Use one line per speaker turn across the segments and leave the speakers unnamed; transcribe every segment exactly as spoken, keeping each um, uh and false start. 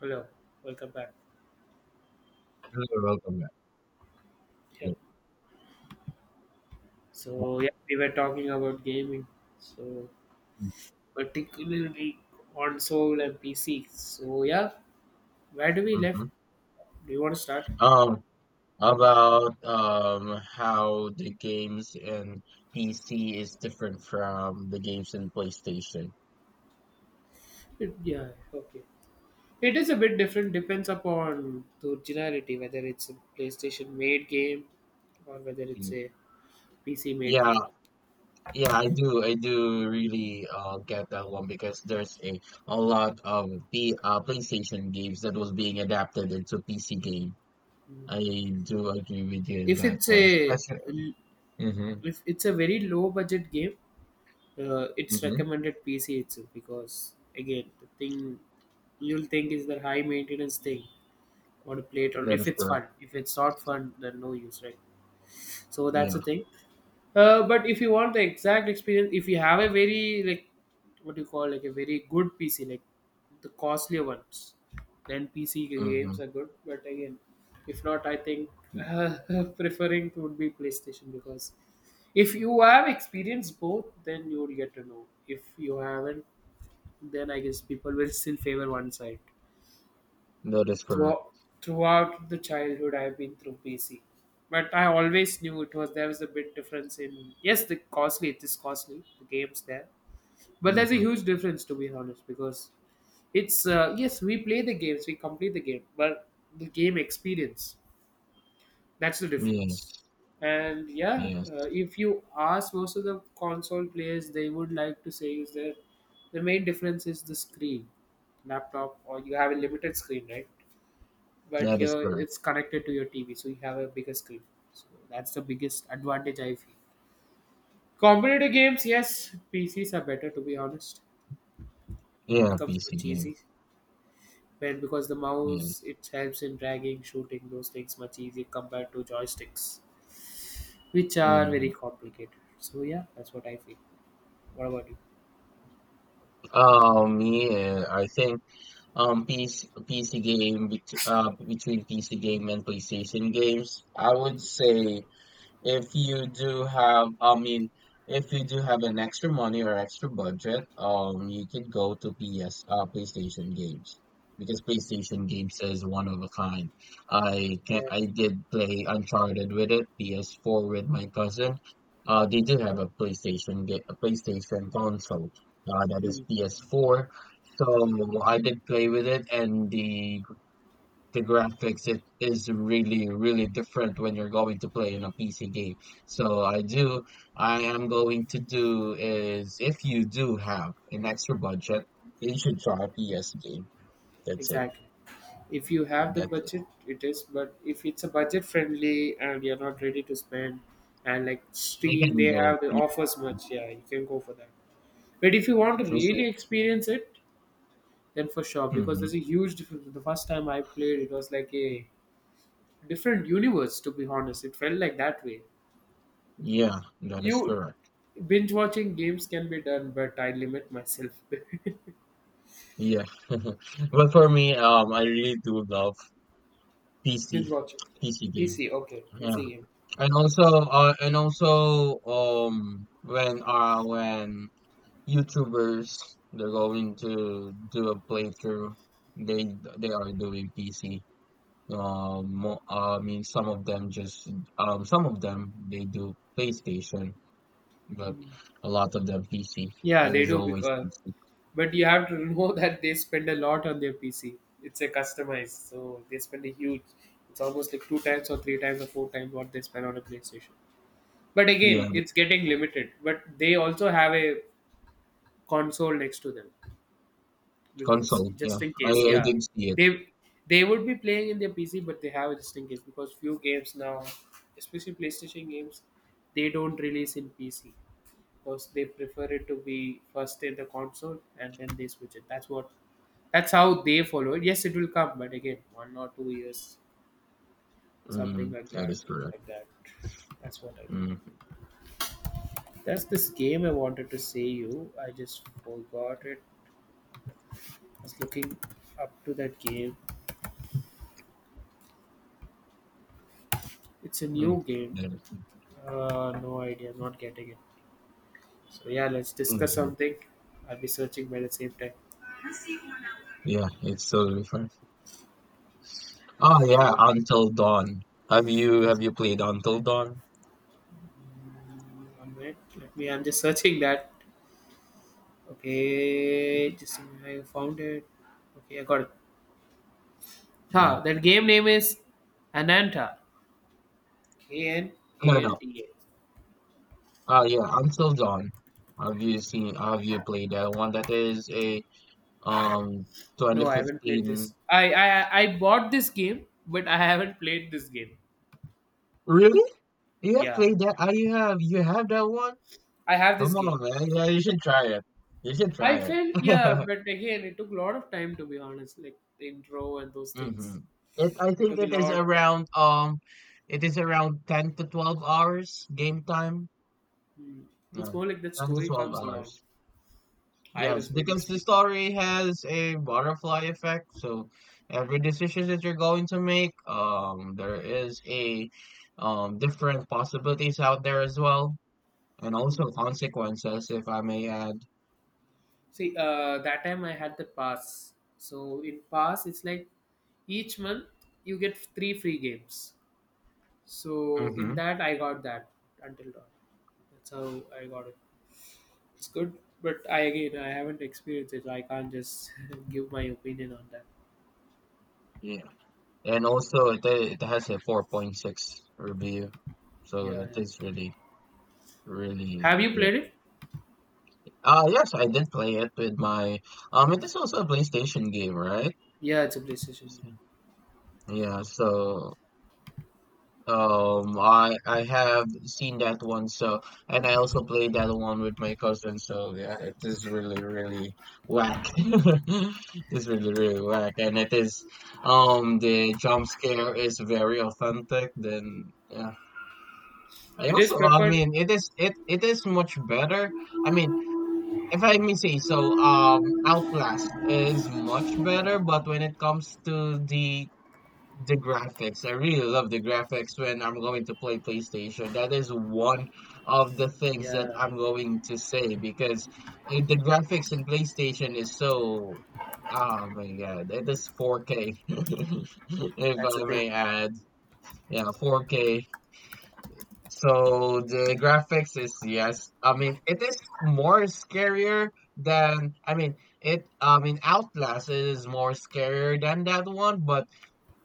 Hello, welcome back.
You're welcome, man.
Yeah.
Yeah.
So yeah, we were talking about gaming. So particularly console and P C. So yeah, where do we left?
Mhm.
Do you want to start?
Um, about um how the games in P C is different from the games in PlayStation.
It, yeah. Okay. It is a bit different. Depends upon the originality, whether it's a PlayStation made game or whether it's a
Mm.
P C made
Yeah,
game.
yeah, I do, I do really uh get that one because there's a a lot of P uh PlayStation games that was being adapted into P C game.
Mm.
I do agree with you in
If
that
it's
one,
a
especially. Mm-hmm,
if it's a very low budget game, uh, it's
mm-hmm.
recommended P C itself, because again the thing you'll think is the high maintenance thing. Want to play it on
That
if
is
it's
correct.
fun. If it's not fun, then no use, right? So that's
Yeah.
the thing. Uh, but if you want the exact experience, if you have a very like what do you call like a very good P C, like the costlier ones, then P C games
Mm-hmm.
are good. But again, if not, I think uh, preferring would be PlayStation, because if you have experienced both, then you would get to know. If you haven't, then I guess people will still favor one side
That is correct.
throughout, throughout the childhood I've been through P C. But I always knew it was there was a big difference in, yes, the costly it is costly, the games there. But there's a
Mm-hmm.
huge difference, to be honest, because it's uh, yes, we play the games, we complete the game, but the game experience, that's the
Yes,
difference. And yeah,
yes,
uh, if you ask most of the console players, they would like to say is that the main difference is the screen, laptop, or you have a limited screen, right? But
that is
here
correct.
it's connected to your T V, so you have a bigger screen. So that's the biggest advantage I feel. Competitive games, yes, P Cs are better, to be honest. It
Yeah,
becomes
P C
much
game.
easy when because the mouse
Yes.
it helps in dragging, shooting, those things much easier compared to joysticks, which are very
Mhm.
complicated. So yeah, that's what I feel. What about you?
Um, yeah, I think um P C P C game bet- uh between P C game and PlayStation games, I would say if you do have, I mean, if you do have an extra money or extra budget, um, you could go to P S, uh, PlayStation games because PlayStation games is one of a kind. I can
Yeah.
I did play Uncharted with it, P S four with my cousin. Uh, they do have a PlayStation ga- a PlayStation console, uh, that is
Hmm.
P S four. So I did play with it, and the the graphics it is really really different when you're going to play in a P C game. So I do I am going to do is if you do have an extra budget, you should try a P S game. That's it.
Exactly. If you have the
That's it.
budget, it is. But if it's a budget friendly and you're not ready to spend, and like
They
Steam,
can
they
go.
have the offers much. Yeah, you can go for that. But if you want to really experience it, then for sure, because
Mm-hmm.
there's a huge difference. The first time I played, it was like a different universe. To be honest, it felt like that way.
Yeah, that is
You
correct.
binge watching games can be done, but I limit myself.
Yeah, but for me, um, I really do love
Binge
PC
watching.
PC game.
P C, okay,
Yeah,
P C game.
and also, uh, and also, um, when uh, when YouTubers, they're going to do a playthrough. They they are doing P C. Um, mo- I mean, some of them just um, some of them they do PlayStation, but a lot of them P C.
Yeah,
It
they
is
do
always
because
P C.
but you have to know that they spend a lot on their PC. It's a customized, so they spend a huge it's almost like two times or three times or four times what they spend on a PlayStation. But again
Yeah, but
it's getting limited, but they also have a console next to them because
console. Yeah,
just in
I,
case,
I
yeah,
did see it.
they they would be playing in their PC but they have it just in case, because few games now, especially PlayStation games, they don't release in PC, because they prefer it to be first in the console and then they switch it. That's what that's how they follow it. Yes, it will come, but again, one or two years, something
Mm,
like
that
that.
is correct.
Like that. That's what I
Mm,
That's this game I wanted to say you. I just forgot it. I was looking up to that game. It's a
mm,
new game.
there-
Uh, no idea. I'm not getting it. So yeah, let's discuss
mhm.
something. I'll be searching by the same time.
Yeah, it's totally fine. Oh yeah,
Yeah,
Until Dawn. Have you have you played Until Dawn?
one minute. Let me. I'm just searching that. Okay, just a minute, I found it. Okay, I got it.
Yeah.
Huh, that game name is Ananta. K N A
No,
N
no.
T A.
Uh yeah, Until Dawn. Have you seen have you played that one? That is a um
No, I haven't played this.
twenty fifteen.
I, I I bought this game, but I haven't played this game.
Really? You have
Yeah,
played that? Ah, you have you have that one?
I have this
Come
game.
on, man. Yeah, you should try it. You should try
I felt yeah,
it.
but again, it took a lot of time, to be honest. Like the intro and those
Hmm.
things,
It, I
it
think
took a
it is
lot of time.
around um it is around ten to twelve hours game time.
Hmm. It's
No,
more like that
ten to
story
twelve
comes along.
hours.
I
Yes,
was very
because the
sleepy.
story has a butterfly effect. So every decision that you're going to make, um, there is a um different possibilities out there as well, and also
Hmm.
consequences, if I may add.
See, uh, that time I had the pass. So in pass, it's like each month you get three free games. So in
Mm-hmm.
that, I got that until now. That's how I got it. It's good, but I again I haven't experienced it, so I can't just give my opinion on that.
Yeah, and also it it has a four point six review, so
Yeah,
it
yeah.
is really really
Have you
good.
played it?
Uh yes, I did play it with my um. It is also a PlayStation game, right?
Yeah, it's a PlayStation game.
Yeah, so Um, I I have seen that one, so and I also played that one with my cousin. So yeah, it is really really whack. It's really really whack, and it is um the jump scare is very authentic. Then yeah, I
It is
also I
preferred.
mean it is it it is much better. I mean if I may say so, um, Outlast is much better, but when it comes to the the graphics. I really love the graphics when I'm going to play PlayStation. That is one of the things that
Yeah,
I'm going to say because uh, the graphics in PlayStation is so. Oh my God, it is four K, if
that's the
I
thing.
may add. Yeah, four K. So the graphics is yes. I mean, it is more scarier than I mean it. I mean, Outlast is more scarier than that one, but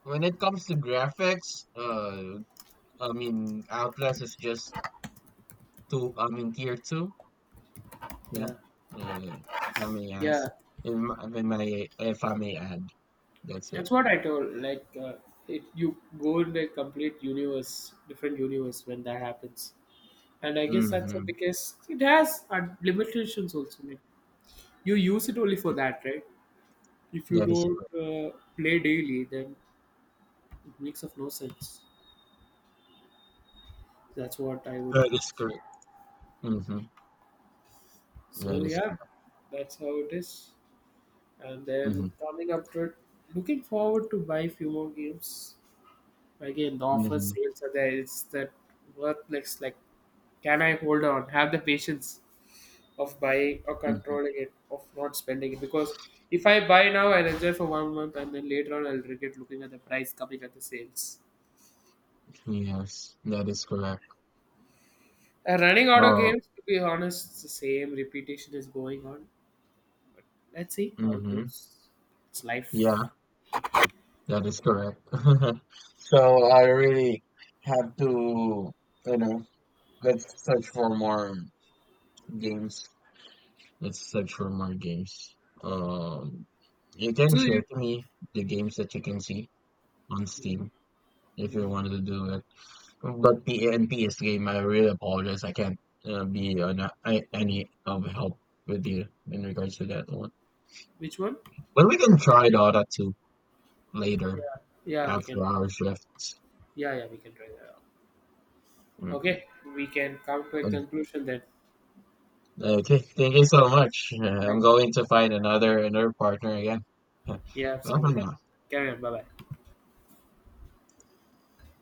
when it comes to graphics, uh, I mean, Outlast is just two. I mean, tier two. Yeah, uh,
Yeah,
if I may
yeah.
ask, if I if I may, if I may add, that's
That's
it.
what I told. Like, uh, it, you go in a complete universe, different universe when that happens. And I guess that's it
Mm-hmm.
because it has uh, limitations also. Like you use it only for that, right? If you
That is
don't
correct.
uh, play daily, then it makes of no sense. That's what I would
That is
say.
correct. Mm-hmm.
So
That is
yeah,
correct.
that's how it is. And
Mm-hmm.
then coming up to it, looking forward to buy few more games. Again, the offer
Mm-hmm.
sales are there. It's that worthless. Like, can I hold on? Have the patience. Of buying or controlling it, of not spending it. Because if I buy now, I'll enjoy for one month and then later on I'll regret looking at the price coming at the sales.
Mm-hmm. Yes, that is correct.
Uh, running out of
Oh,
games, to be honest, it's the same repetition is going on. Let's see how it
mm-hmm.
goes. It's life.
Yeah, that is correct. So I really have to, you know, let's search for more games. That's such for more games. Um, you can
Do you?
share to me the games that you can see on Steam if you
Mm.
wanted to do it. But the N P S game, I really apologize. I can't uh, be on a- I, any of help with you in regards to that one.
Which one?
But we can try Dota two
Yeah,
later
yeah, we can.
after our shifts.
Yeah, yeah, we can try that out. Okay,
Hmm.
we can come to a
Um,
conclusion then.
okay, thank you so much. Uh, I'm
Thanks.
going to find another another partner again. Bye
Yeah, same
for
with you.
now.
Carry on. Bye bye.